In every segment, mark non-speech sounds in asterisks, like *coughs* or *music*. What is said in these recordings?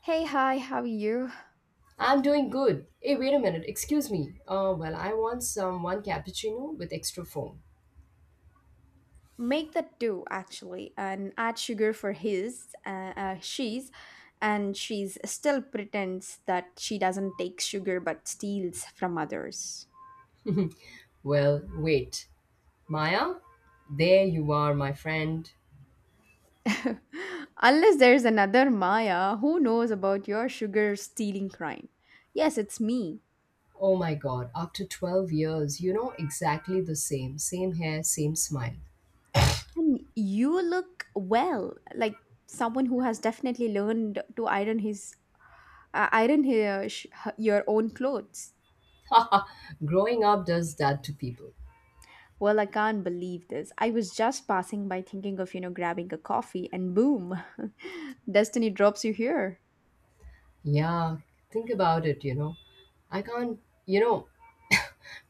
Hey, hi, how are you? I'm doing good. Hey, wait a minute. Excuse me. I want some one cappuccino with extra foam. Make that two actually and add sugar for his, and she's still pretends that she doesn't take sugar but steals from others. Well, wait. Maya? There you are, my friend. *laughs* Unless there's another Maya who knows about your sugar stealing crime. Yes, it's me. Oh my god, after 12 years, you know exactly the same. Same hair, same smile. And you look well, like someone who has definitely learned to iron uh, iron his, your own clothes. *laughs* Haha, Growing up does that to people. Well, I can't believe this. I was just passing by thinking of, grabbing a coffee and boom, *laughs* destiny drops you here. Yeah, think about it, you know. I can't, you know,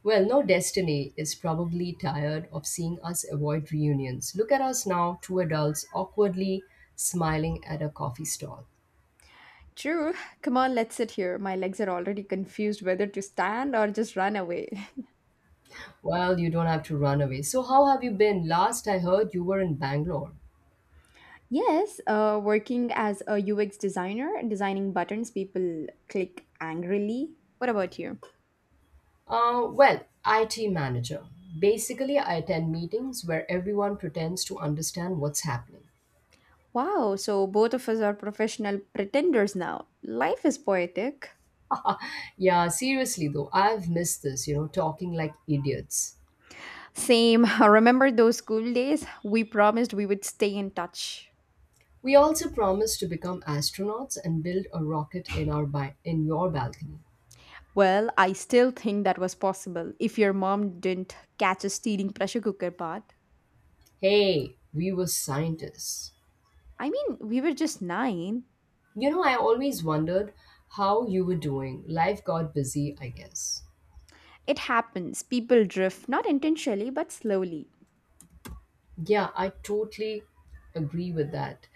Well, no, destiny is probably tired of seeing us avoid reunions. Look at us now, two adults awkwardly smiling at a coffee stall. True. Come on, let's sit here. My legs are already confused whether to stand or just run away. Well, you don't have to run away. So, how have you been? Last I heard you were in Bangalore. *laughs* Yes, working as a UX designer, designing buttons people click angrily. What about you? IT manager. Basically, I attend meetings where everyone pretends to understand what's happening. Wow, so both of us are professional pretenders now. Life is poetic. *laughs* Yeah, seriously though, I've missed this, talking like idiots. Same. *laughs* Remember those school days? We promised we would stay in touch. We also promised to become astronauts and build a rocket in in your balcony. Well, I still think that was possible if your mom didn't catch a stealing pressure cooker part. Hey, we were scientists. I mean, we were just nine. You know, I always wondered how you were doing. Life got busy, I guess. It happens. People drift, not intentionally, but slowly. Yeah, I totally agree with that.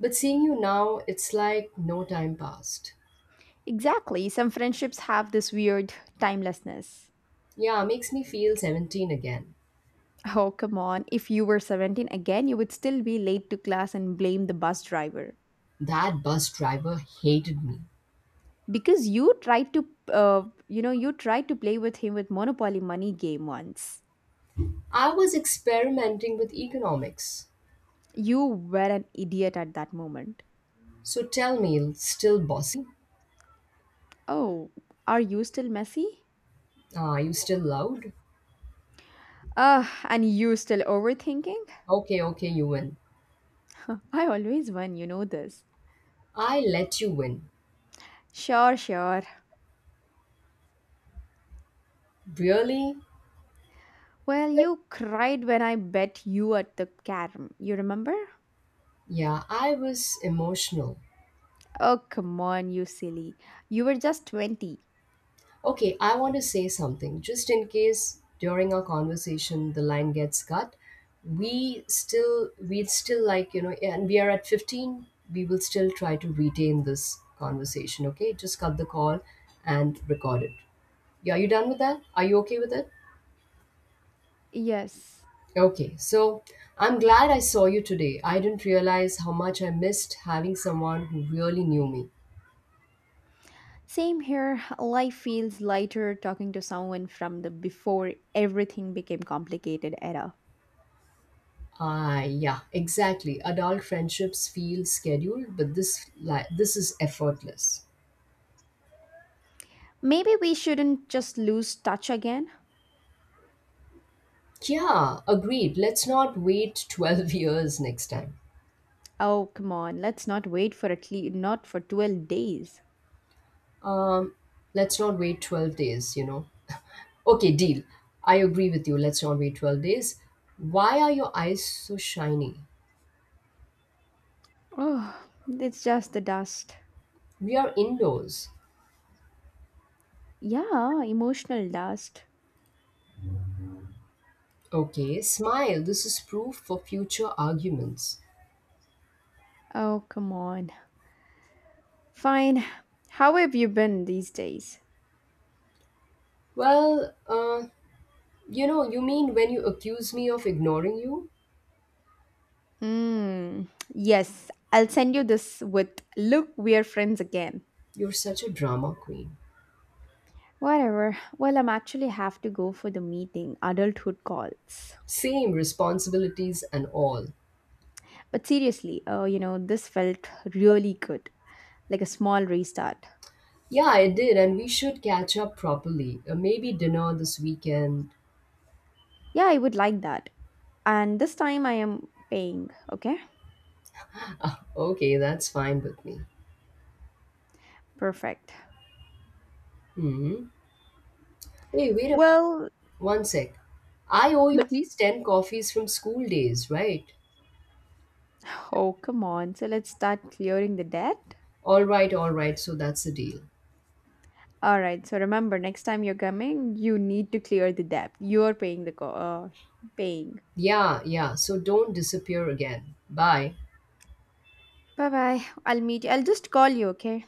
But seeing you now, it's like no time passed. Exactly. Some friendships have this weird timelessness. Yeah, makes me feel 17 again. Oh, come on. If you were 17 again, you would still be late to class and blame the bus driver. That bus driver hated me. Because you tried to, you tried to play with him with Monopoly money game once. I was experimenting with economics. You were an idiot at that moment. So tell me, still bossy? Oh, are you still messy? Are you still loud? Ah, and you still overthinking? Okay, okay, you win. I always win, you know this. I let you win. Sure, sure. Really? Well, you cried when I bet you at the carom. You remember? Yeah, I was emotional. Oh, come on, you silly. You were just 20. Okay, I want to say something. Just in case during our conversation the line gets cut, we still and we are at 15, we will still try to retain this conversation, okay? Just cut the call and record it. Yeah, you done with that? Are you okay with it? Yes. Okay, so I'm glad I saw you today. I didn't realize how much I missed having someone who really knew me. Same here. Life feels lighter talking to someone from the before everything became complicated era. Ah, yeah, exactly. Adult friendships feel scheduled, but this is effortless. Maybe we shouldn't just lose touch again. Yeah, agreed. Let's not wait *laughs* 12 years next time. Oh, come on. Let's not wait for at least not for 12 days. Um, let's not wait 12 days. Okay, deal. I agree with you. Let's not wait 12 days. Why are your eyes so shiny? Oh, it's just the dust. We are indoors. Yeah, emotional dust. Okay, smile. This is proof for future arguments. Oh, come on. Fine. How have you been these days? Well, uh, you mean when you accuse me of ignoring you? Mm, yes, I'll send you this with look, we're friends again. You're such a drama queen. Whatever. Well, I'm actually have to go for the meeting, adulthood calls. Same responsibilities and all. But seriously, this felt really good, like a small restart. Yeah, I did, and we should catch up properly. Maybe dinner this weekend. Yeah, I would like that. And this time I am paying, okay? *laughs* Okay, that's fine with me. Perfect. hmm Hey, wait a Well, one sec. I owe you at mhm. least 10 coffees from school days, right? Oh, come on. So let's start clearing the debt. All right, all right, so that's the deal. All right. So remember, next time you're coming, you need to clear the debt. You're paying the paying. Yeah, yeah. So don't disappear again. Bye. Bye bye. I'll meet you. I'll just call you, okay?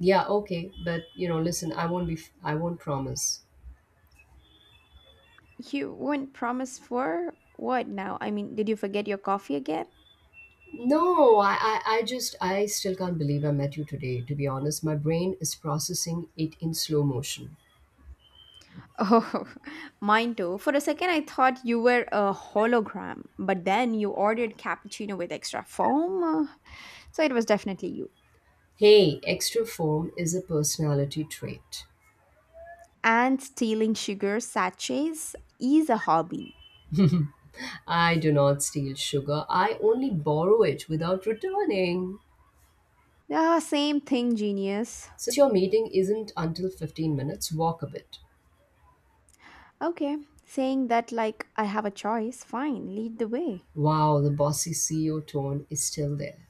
Yeah, okay. But you know, listen, I won't be. I won't promise. You won't promise for what now? I mean, did you forget your coffee again? No, I just, I still can't believe I met you today. To be honest, my brain is processing it in slow motion. Oh, *laughs* mine too. For a second, I thought you were a hologram, but then you ordered cappuccino with extra foam. So it was definitely you. Hey, extra form is a personality trait. And stealing sugar sachets is a hobby. I do not steal sugar. I only borrow it without returning. Ah, same thing, genius. Since your meeting isn't until 15 minutes, walk a bit. Okay, saying that like I have a choice, fine, lead the way. Wow, the bossy CEO tone is still there.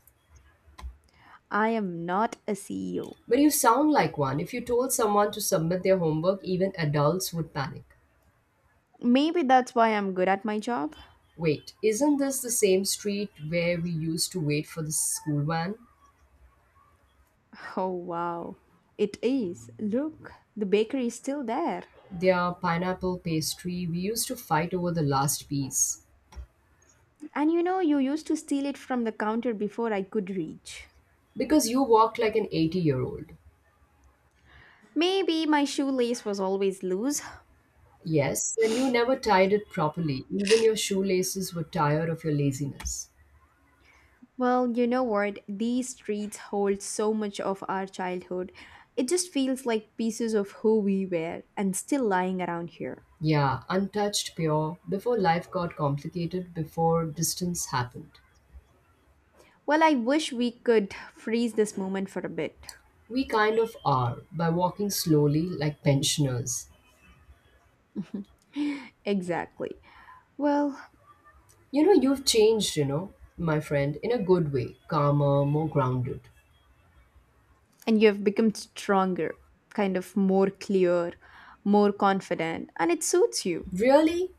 I am not a CEO. But you sound like one. If you told someone to submit their homework, even adults would panic. Maybe that's why I'm good at my job. *laughs* Wait, isn't this the same street where we used to wait for the school van? Oh, wow. It is. Look, the bakery is still there. Their pineapple pastry, we used to fight over the last piece. And you know, you used to steal it from the counter before I could reach. Because you walked like an 80-year-old year old. Maybe my shoelace was always loose. Yes, and you never tied it properly. Even your shoelaces were tired of your laziness. Well, you know what? These streets hold so much of our childhood. It just feels like pieces of who we were and still lying around here. Yeah, untouched, pure, before life got complicated, before distance happened. Well, I wish we could freeze this moment for a bit. We kind of are, by walking slowly like pensioners. Exactly. Well, You've changed, my friend, in a good way, calmer, more grounded. and you have become stronger, kind of more clear, more confident, and it suits you. Really?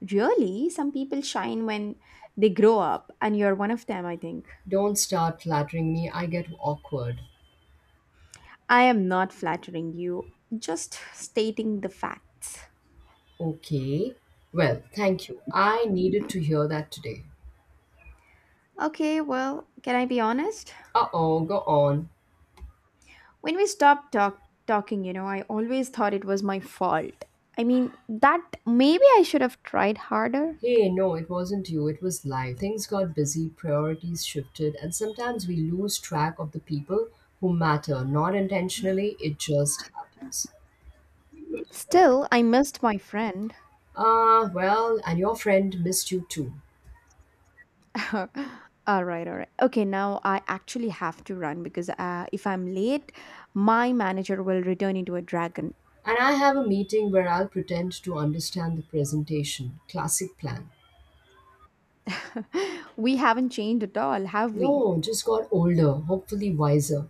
Really, some people shine when they grow up, and you're one of them, I think. Don't start flattering me, I get awkward. I am not flattering you, just stating the facts. Okay. Well, thank you. I needed to hear that today. Okay, well, can I be honest? Uh oh, go on. When we stopped talking, you know, I always thought it was my fault. I mean, that maybe I should have tried harder. Hey, no, it wasn't you, it was life. Things got busy, priorities shifted, and sometimes we lose track of the people who matter. Not intentionally, it just happens. Still, I missed my friend. Ah well, and your friend missed you too. *laughs* All right, all right. Okay, now I actually have to run because if I'm late, my manager will return into a dragon. And I have a meeting where I'll pretend to understand the presentation. Classic plan. *laughs* We haven't changed at all, have we? No, just got older, hopefully wiser.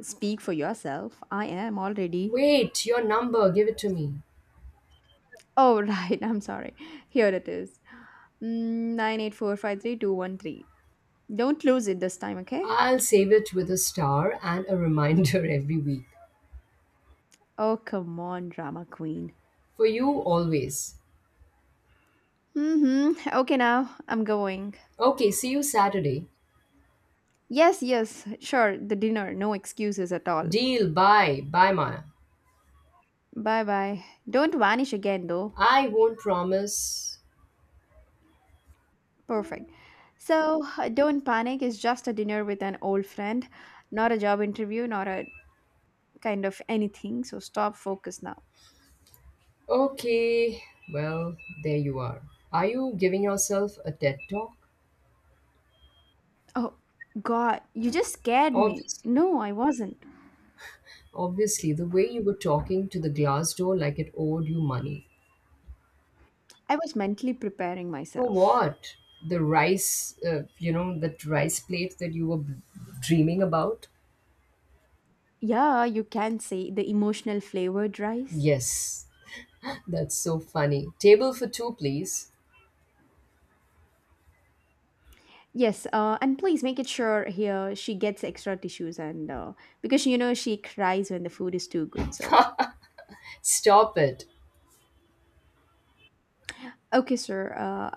Speak for yourself. I am already. Wait, your number, give it to me. Oh, *laughs* right. I'm sorry. Here it is. 984532113. Don't lose it this time, okay? I'll save it with a star and a reminder *laughs* every week. Oh, come on, drama queen. For you, always. Mm-hmm. Okay, now I'm going. Okay, see you Saturday. Yes, yes, sure, the dinner. No excuses at all. Deal, bye, bye, Maya. Bye bye. Don't vanish again, though. I won't promise. Perfect. So, don't panic. It's just a dinner with an old friend, not a job interview, not a kind of anything. So, stop, focus now. Okay, well, there you are. Are you giving yourself a TED talk? Oh, God, you just scared me. Obviously. No, I wasn't. Obviously, the way you were talking to the glass door like it owed you money. I was mentally preparing For myself. what? The rice, that rice plate that dreaming about? Yeah, you can say the emotional flavored rice. Yes. That's so funny. Table for two, please. Yes, and please make it sure here she gets extra tissues and because you know she cries when the food is too good. So Stop it. okay, sir,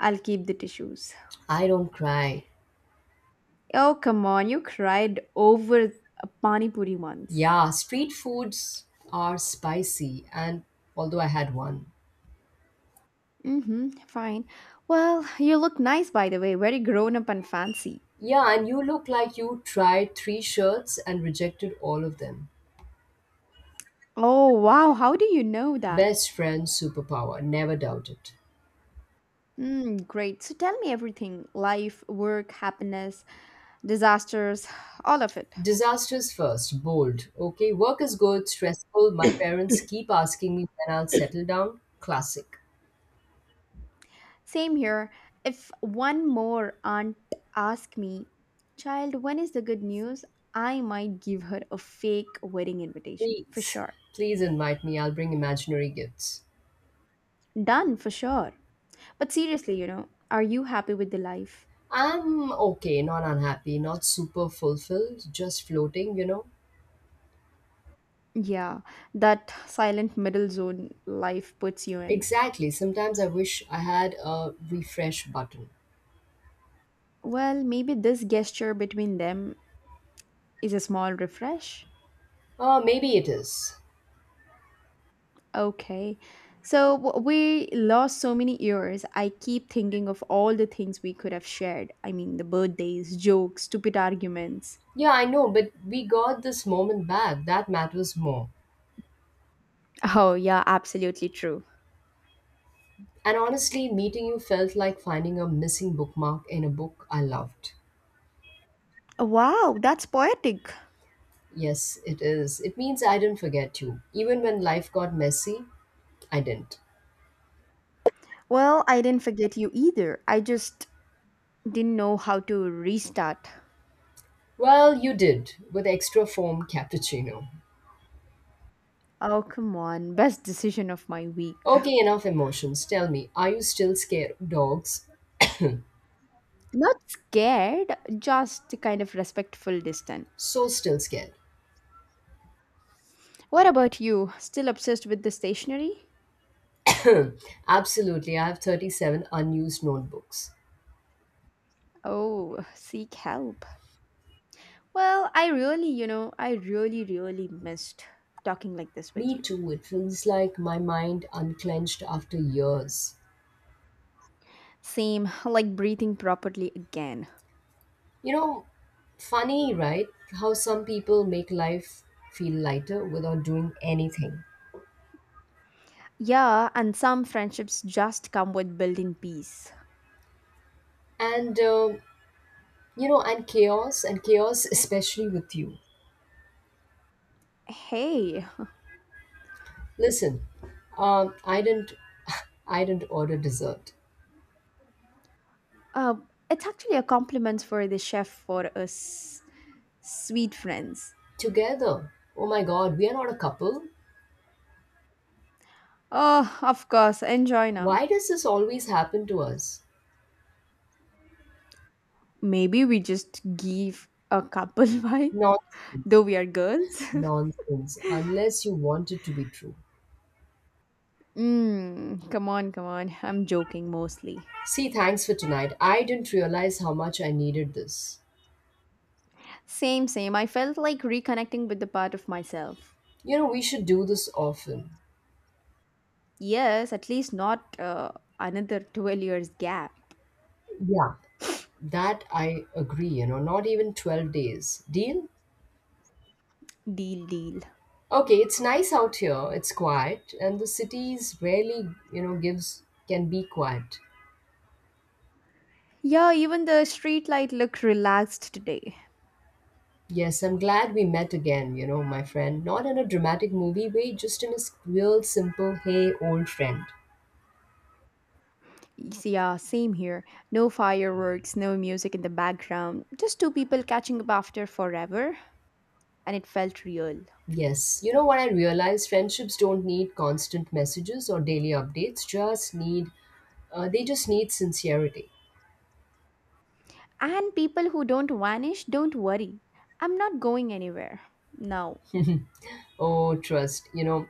I'll keep the tissues. I don't cry. Oh come on, you cried over a pani puri once. Yeah, street foods are spicy, and although I had one. Mm-hmm. Fine. Well, you look nice by the way, very grown up and fancy. Yeah, and you look like you tried three shirts and rejected all of them. Oh wow, how do you know that? Best friend superpower, never doubt it. Mm, great. So tell me everything: life, work, happiness, disasters, all of it. Disasters first, bold. Okay, work is good, stressful. My parents keep asking me when I'll settle down. Classic. Same here. If one more aunt asks me, Child, when is the good news? I might give her a fake wedding invitation for Please, sure. Please invite me. I'll bring imaginary gifts. Done for sure. But seriously, you know, are you happy with the life? I'm okay, not unhappy, not super fulfilled, just floating, you know? Yeah, that silent middle zone life puts you in. Exactly. Sometimes I wish I had a refresh button. Well, maybe this gesture between them is a small refresh. Oh, maybe it is. Okay. So we lost so many years. I keep thinking of all the things we could have shared. I mean, the birthdays, jokes, stupid arguments. Yeah, I know, but we got this moment back. That matters more. Oh, yeah, absolutely true. And honestly, meeting you felt like finding a missing bookmark in a book I loved. Wow, that's poetic. Yes, it is. It means I didn't forget you. Even when life got messy, I didn't. Well, I didn't forget you either. I just didn't know how to restart. Well, you did, with extra foam cappuccino. Oh, come on. Best decision of my week. Okay, enough emotions. Tell me, are you still scared of dogs? Not scared, just kind of respectful distant. So still scared. What about you? Still obsessed with the stationery? *coughs* Absolutely, I have 37 unused notebooks. Oh, seek help. Well, I really, really missed talking like this with Me you. too, it feels like my mind unclenched after years. Same, *laughs* like breathing properly again. You know, funny, right? How some people make life feel lighter without doing anything. Yeah, and some friendships just come with building peace. And and chaos especially with you. Hey, Listen, I didn't *laughs* I didn't order dessert. uh, it's actually a compliment for the chef for us sweet friends. Together? Oh my god, we are not a couple. Oh, of course, enjoy now. Why does this always happen to us? Maybe we just give a couple *laughs* vibe, Nonsense. though we are girls. *laughs* Nonsense, unless you want it to be true. Mm, come on, come on. I'm joking mostly. See, thanks for tonight. I didn't realize how much I needed this. Same, same. I felt like reconnecting with the part of myself. You know, we should do this often. Yes, at least not another 12 years gap. Yeah, that I agree, not even 12 days. Deal. Deal, deal. Okay, it's nice out here. It's quiet, and the cities rarely, gives can be quiet. Yeah, even the streetlight looked relaxed today. Yes, I'm glad we met again, you know, my friend. Not in a dramatic movie way, just in a real simple, hey, old friend. Yes, yeah, same here. No fireworks, no music in the background. Just two people catching up after forever, and it felt real. Yes, you know what I realized? Friendships don't need constant messages or daily updates. They just need sincerity. And people who don't vanish, don't worry. I'm not going anywhere. No. *laughs* Oh, trust. You know,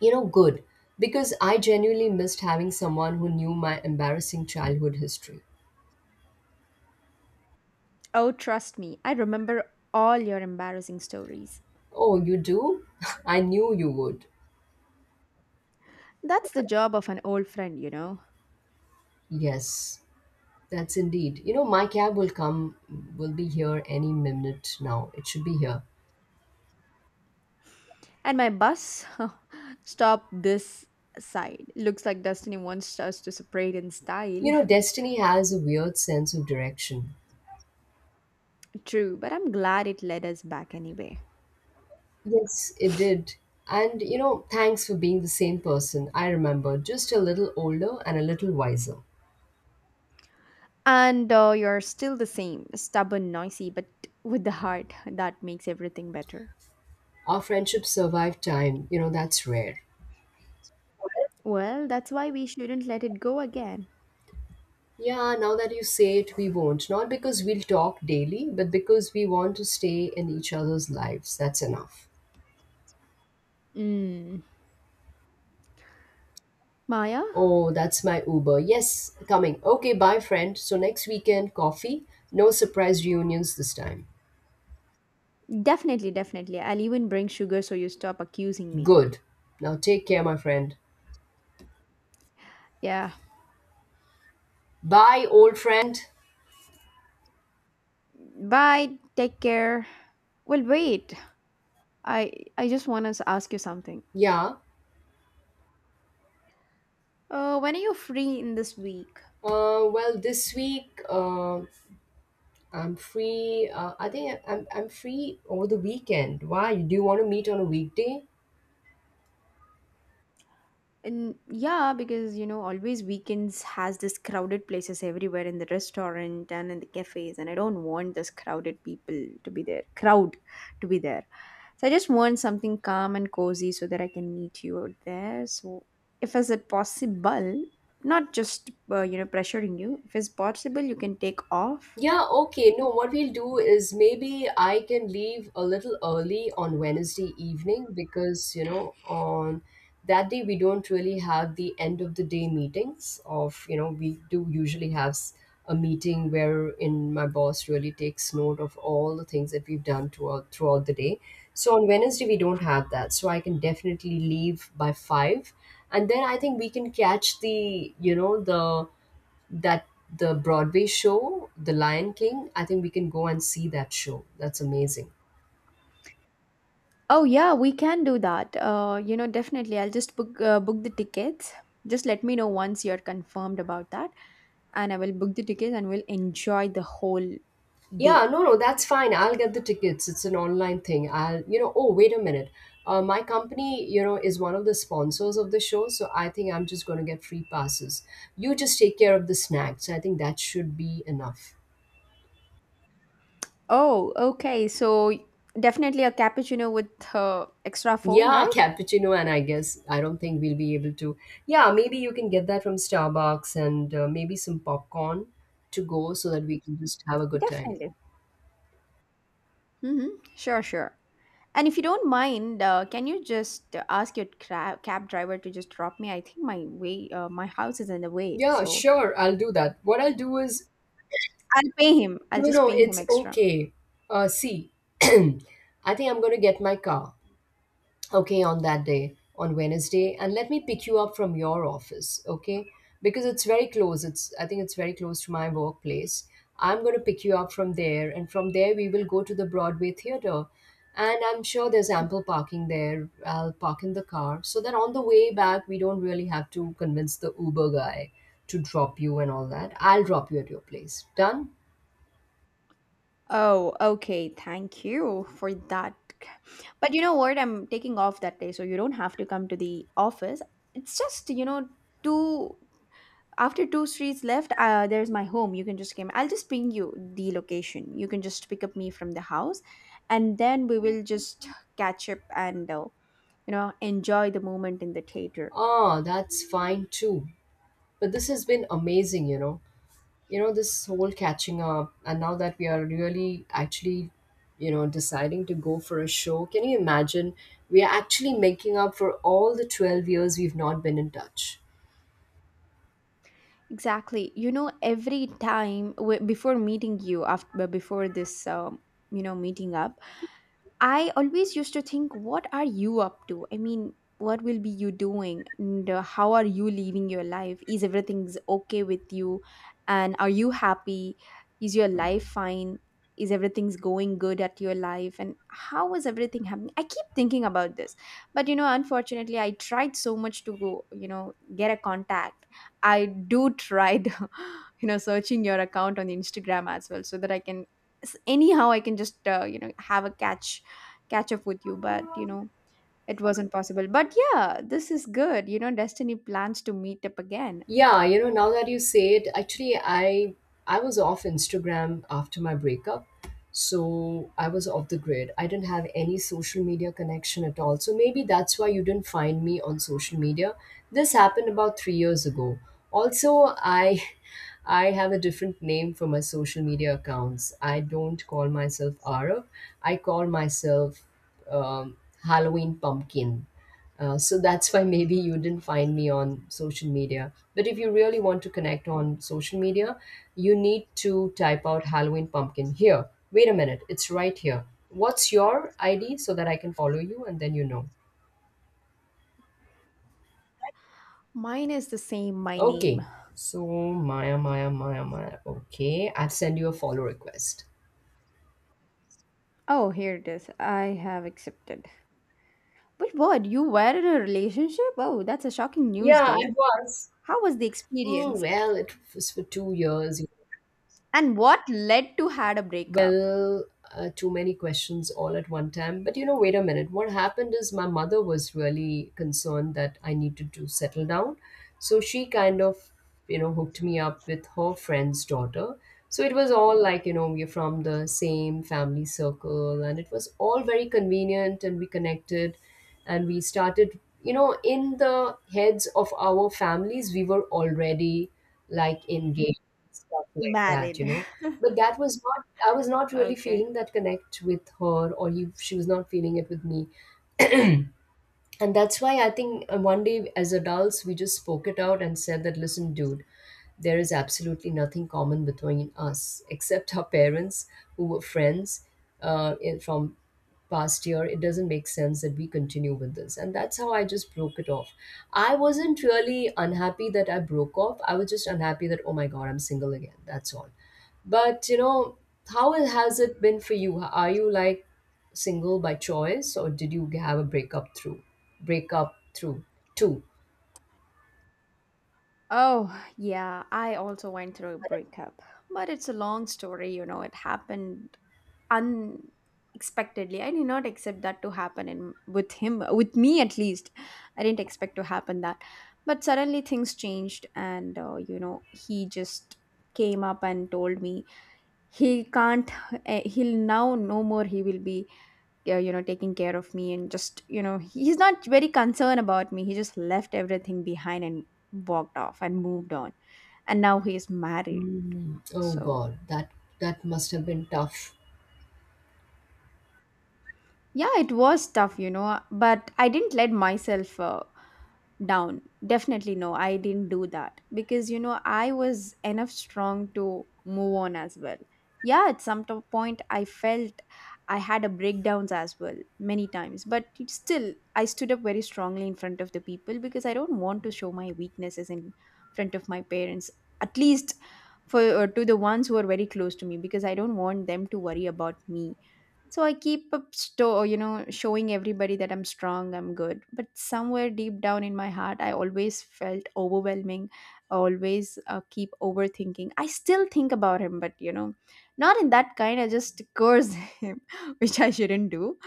you know, Good, because I genuinely missed having someone who knew my embarrassing childhood history. Oh, trust me. I remember all your embarrassing stories. Oh, you do? *laughs* I knew you would. That's the job of an old friend, you know. Yes, that's indeed. You know, my cab will come, will be here any minute now. It should be here. And my bus *laughs* stop this side. Looks like destiny wants us to separate in style. You know, destiny has a weird sense of direction. *laughs* True, but I'm glad it led us back anyway. Yes, it did. And, you know, thanks for being the same person I remember, just a little older and a little wiser. And you're still the same, stubborn, noisy, but with the heart that makes everything better. Our friendship survived time. You know, that's rare. Well, that's why we shouldn't let it go again. Yeah, now that you say it, we won't. Not because we'll talk daily, but because we want to stay in each other's lives. That's enough. Mm. Maya? Oh, that's my Uber. Yes, coming. Okay, bye, friend. So next weekend, coffee. No surprise reunions this time. Definitely, definitely. I'll even bring sugar so you stop accusing me. Good. Now take care, my friend. Yeah. Bye, old friend. Bye. Take care. Well, wait. I I just want to ask you something. Yeah. When are you free in this week? This week I'm free. I think I'm free over the weekend. Why? Do you want to meet on a weekday? And yeah, because you know, always weekends has this crowded places everywhere in the restaurant and in the cafes, and I don't want this crowded people to be there, crowd to be there. So I just want something calm and cozy so that I can meet you out there. So if is it possible, not just pressuring you, if it's possible, you can take off Yeah, okay. No, what we'll do is, maybe I can leave a little early on Wednesday evening because, you know, on that day we don't really have the end of the day meetings of, you know, we do usually have a meeting wherein my boss really takes note of all the things that we've done throughout the day. So on Wednesday we don't have that. So I can definitely leave by five. And then I think we can catch the, you know, the that the Broadway show, The Lion King, I think we can go and see that show. That's amazing. Oh yeah, we can do that. You know, definitely. I'll just book the tickets. Just let me know once you're confirmed about that, and I will book the tickets and we'll enjoy the whole day. Yeah, no, no, that's fine. I'll get the tickets. It's an online thing. Oh, wait a minute. My company, you know, is one of the sponsors of the show, so I think I'm just going to get free passes. You just take care of the snacks. I think that should be enough. Oh, okay. So definitely a cappuccino with extra foam, Yeah, *laughs* right? cappuccino, and I guess I don't think we'll be able to. Yeah, maybe you can get that from Starbucks and maybe some popcorn to go so that we can just have a good time. Definitely. Mm-hmm. Sure, sure. And if you don't mind, can you just ask your cab driver to just drop me? I think my way, my house is in the way, Yeah, so sure, I'll do that. What I'll do is, I'll pay him. I'll no, just no, pay him it's extra. okay. See, *clears throat* I think I'm going to get my car, okay, on that day, on Wednesday, and let me pick you up from your office, okay, because it's very close. It's I think it's very close to my workplace. I'm going to pick you up from there, and from there we will go to the Broadway theater. And I'm sure there's ample parking there. I'll park in the car so that on the way back we don't really have to convince the Uber guy to drop you and all that. I'll drop you at your place. Done. Oh, okay. Thank you for that. But you know what? I'm taking off that day, so you don't have to come to the office. It's just, you know, two after two streets left there's my home you can just come, I'll just ping you the location, you can just pick up me from the house and then we will just catch up and you know enjoy the moment in the theater. Ah, that's fine too. But this has been amazing, you know, this whole catching up, and now that we are really actually, you know, deciding to go for a show. Can you imagine, we are actually making up for all the 12 years we've not been in touch. Exactly. You know, every time before meeting you after before this, meeting up, I always used to think, what are you up to? I mean, what will be you doing? And how are you living your life? Is everything's okay with you? And are you happy? Is your life fine? Is everything's going good at your life? And how is everything happening? I keep thinking about this, but you know, unfortunately, I tried so much to go, you know, get a contact I do tried, *laughs* you know, searching your account on Instagram as well, so that I can anyhow I can just you know have a catch up with you. But you know, it wasn't possible. But yeah, this is good. You know, Destiny plans to meet up again. Yeah, you know, now that you say it, actually I was off Instagram after my breakup. So I was off the grid. I didn't have any social media connection at all. So maybe that's why you didn't find me on social media. This happened about 3 years ago. Also, I *laughs* I have a different name for my social media accounts. I don't call myself Arav. I call myself um, Halloween Pumpkin, so that's why maybe you didn't find me on social media. But if you really want to connect on social media, you need to type out Halloween pumpkin here. Wait a minute, it's right here. What's your ID so that I can follow you and then you know? Mine is the same. My name. Okay, so Maya, Maya, Maya, Maya. Okay, I've sent you a follow request. Oh, here it is. I have accepted. But what? You were in a relationship? Oh, that's a shocking news, Yeah, I though. was. How was the Mm, experience? well, it was for 2 years. And what led to had a breakup? Well, too many questions all at one time. But you know, wait a minute. What happened is my mother was really concerned that I needed to settle down. So she kind of, you know, hooked me up with her friend's daughter. So it was all like, you know, we're from the same family circle, and it was all very convenient, and we connected and we started, you know, in the heads of our families, we were already like engaged, stuff like that, you Married. know. But that was not I was not *laughs* really Okay. feeling that connect with her, or you, she was not feeling it with me. And that's why I think one day as adults we just spoke it out and said that, listen dude, there is absolutely nothing common between us except our parents who were friends, from past year. It doesn't make sense that we continue with this. And that's how I just broke it off. I wasn't really unhappy that I broke off. I was just unhappy that, oh my God, I'm single again. That's all. But, you know, how has it been for you? Are you like single by choice, or did you have a breakup through? Breakup through? Two. Oh, yeah, I also went through a breakup. But it's a long story, you know, it happened unexpectedly. I did not expect that to happen in with him, with me at least. I didn't expect to happen that. But suddenly things changed and you know, he just came up and told me he can't he'll now no more he will be you know taking care of me and just you know he's not very concerned about me. He just left everything behind and walked off and moved on, and now he is married. Mm, oh So God, that must have been tough. yeah, it was tough, you know, but I didn't let myself down. Definitely no, I didn't do that because you know I was enough strong to move on as well. Yeah, at some point I felt I had a breakdowns as well many times, but it still I stood up very strongly in front of the people because I don't want to show my weaknesses in front of my parents, at least for to the ones who are very close to me because I don't want them to worry about me. So I keep up you know, showing everybody that I'm strong, I'm good. But somewhere deep down in my heart, I always felt overwhelming. I always keep overthinking. I still think about him, but you know, not in that kind. I just curse *laughs* him, which I shouldn't do.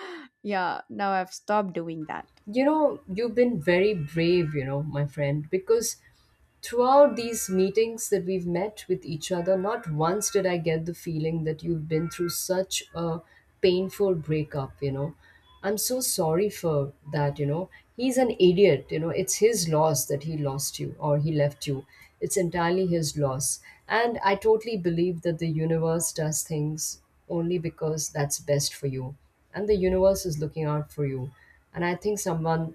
Yeah, now I've stopped doing that. You know, you've been very brave, you know, my friend, because throughout these meetings that we've met with each other, not once did I get the feeling that you've been through such a painful breakup, you know. I'm so sorry for that, you know. He's an idiot, you know. It's his loss that he lost you, or he left you. It's entirely his loss. And I totally believe that the universe does things only because that's best for you. And the universe is looking out for you. And I think someone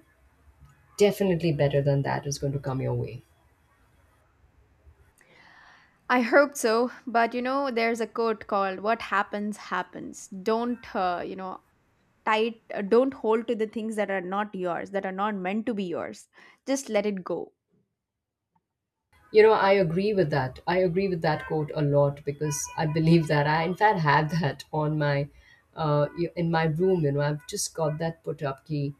definitely better than that is going to come your way. I hope so, but you know, there's a quote called "What happens happens." Don't you know? Tight. Don't hold to the things that are not yours, that are not meant to be yours. Just let it go. You know, I agree with that. I agree with that quote a lot because I believe that I, in fact, have *laughs* that on my, in my room. You know, I've just got that put up key.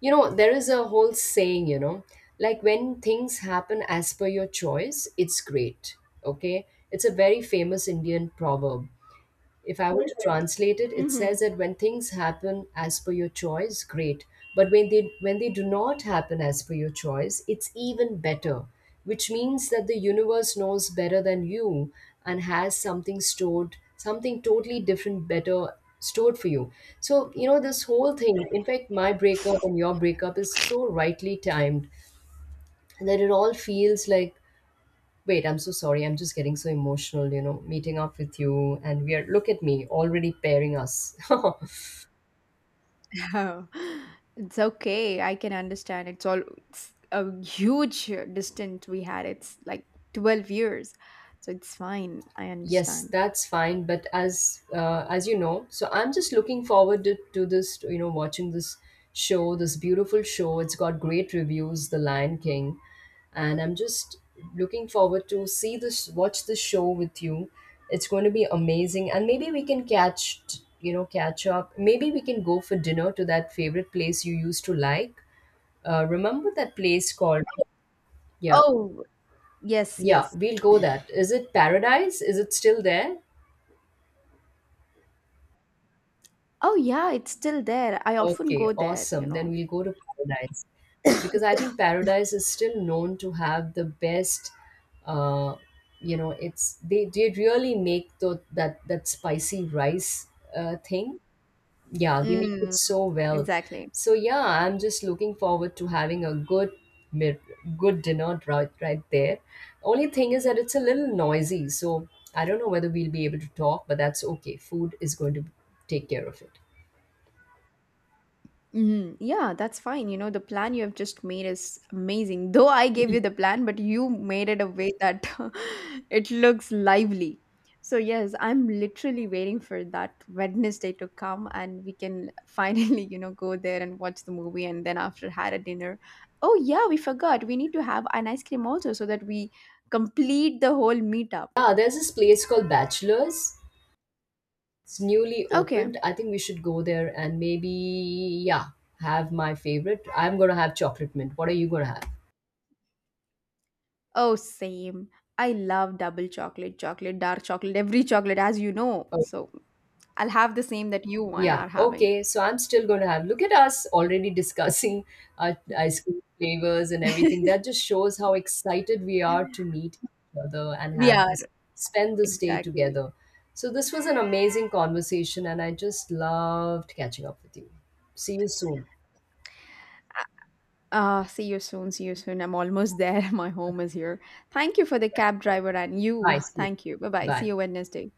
You know, there is a whole saying. You know, like when things happen as per your choice, it's great. Okay, it's a very famous Indian proverb. If I were to translate it, it says Mhm. that when things happen as per your choice, great. But when they do not happen as per your choice, it's even better. Which means that the universe knows better than you and has something stored, something totally different, better stored for you. So, you know, this whole thing, in fact, my breakup and your breakup is so rightly timed that it all feels like, wait, I'm so sorry. I'm just getting so emotional, you know, meeting up with you, and we are, look at me already pairing us. Oh, it's okay. I can understand. It's all it's a huge distance we had. It's like 12 years. So it's fine. I *laughs* Yes, understand. that's fine, but as you know, so I'm just looking forward to this, you know, watching this show, this beautiful show. It's got great reviews, The Lion King, and I'm just looking forward to see this watch this show with you. It's going to be amazing, and maybe we can catch, you know, catch up. Maybe we can go for dinner to that favorite place you used to like. Remember that place called? Yeah, Oh, yes, yeah, yes. we'll go that. Is it Paradise? Is it still there? Oh, yeah, it's still there. I often Okay, go there, you awesome. Then know. we'll go to Paradise because I think Paradise is still known to have the best. Uh, you know, it's they really make the that that spicy rice, thing. Yeah, they make it Mm, so well. exactly. So yeah, I'm just looking forward to having a good, mid good dinner right there. Only thing is that it's a little noisy, so I don't know whether we'll be able to talk, but that's okay. Food is going to take care of it. Mhm. Yeah, that's fine. You know, the plan you have just made is amazing. *laughs* Though I gave you the plan, but you made it a way that *laughs* it looks lively. So, yes, I'm literally waiting for that Wednesday to come and we can *laughs* finally, you know, go there and watch the movie and then after had a dinner. Oh, yeah, we forgot. We need to have an ice cream also so that we complete the whole meetup. Yeah, there's this place called Bachelor's. It's newly Okay. opened. I think we should go there, and maybe, yeah, have my favorite. I'm gonna have chocolate mint. What are you gonna have? Oh, same. I love double chocolate, chocolate, dark chocolate, every chocolate, as you know. So I'll have the same that you one Yeah, are having. okay. So I'm still going to have. Look at us already discussing ice cream flavors and everything. *laughs* That just shows how excited we are to meet each other and We have are, this, spend this day exactly. together. So this was an amazing conversation, and I just loved catching up with you. See you soon. See you soon. See you soon. I'm almost there. *laughs* My home is here. Thank you for the cab driver and you. Bye. See you. Thank you. Bye bye. See Bye. you Wednesday.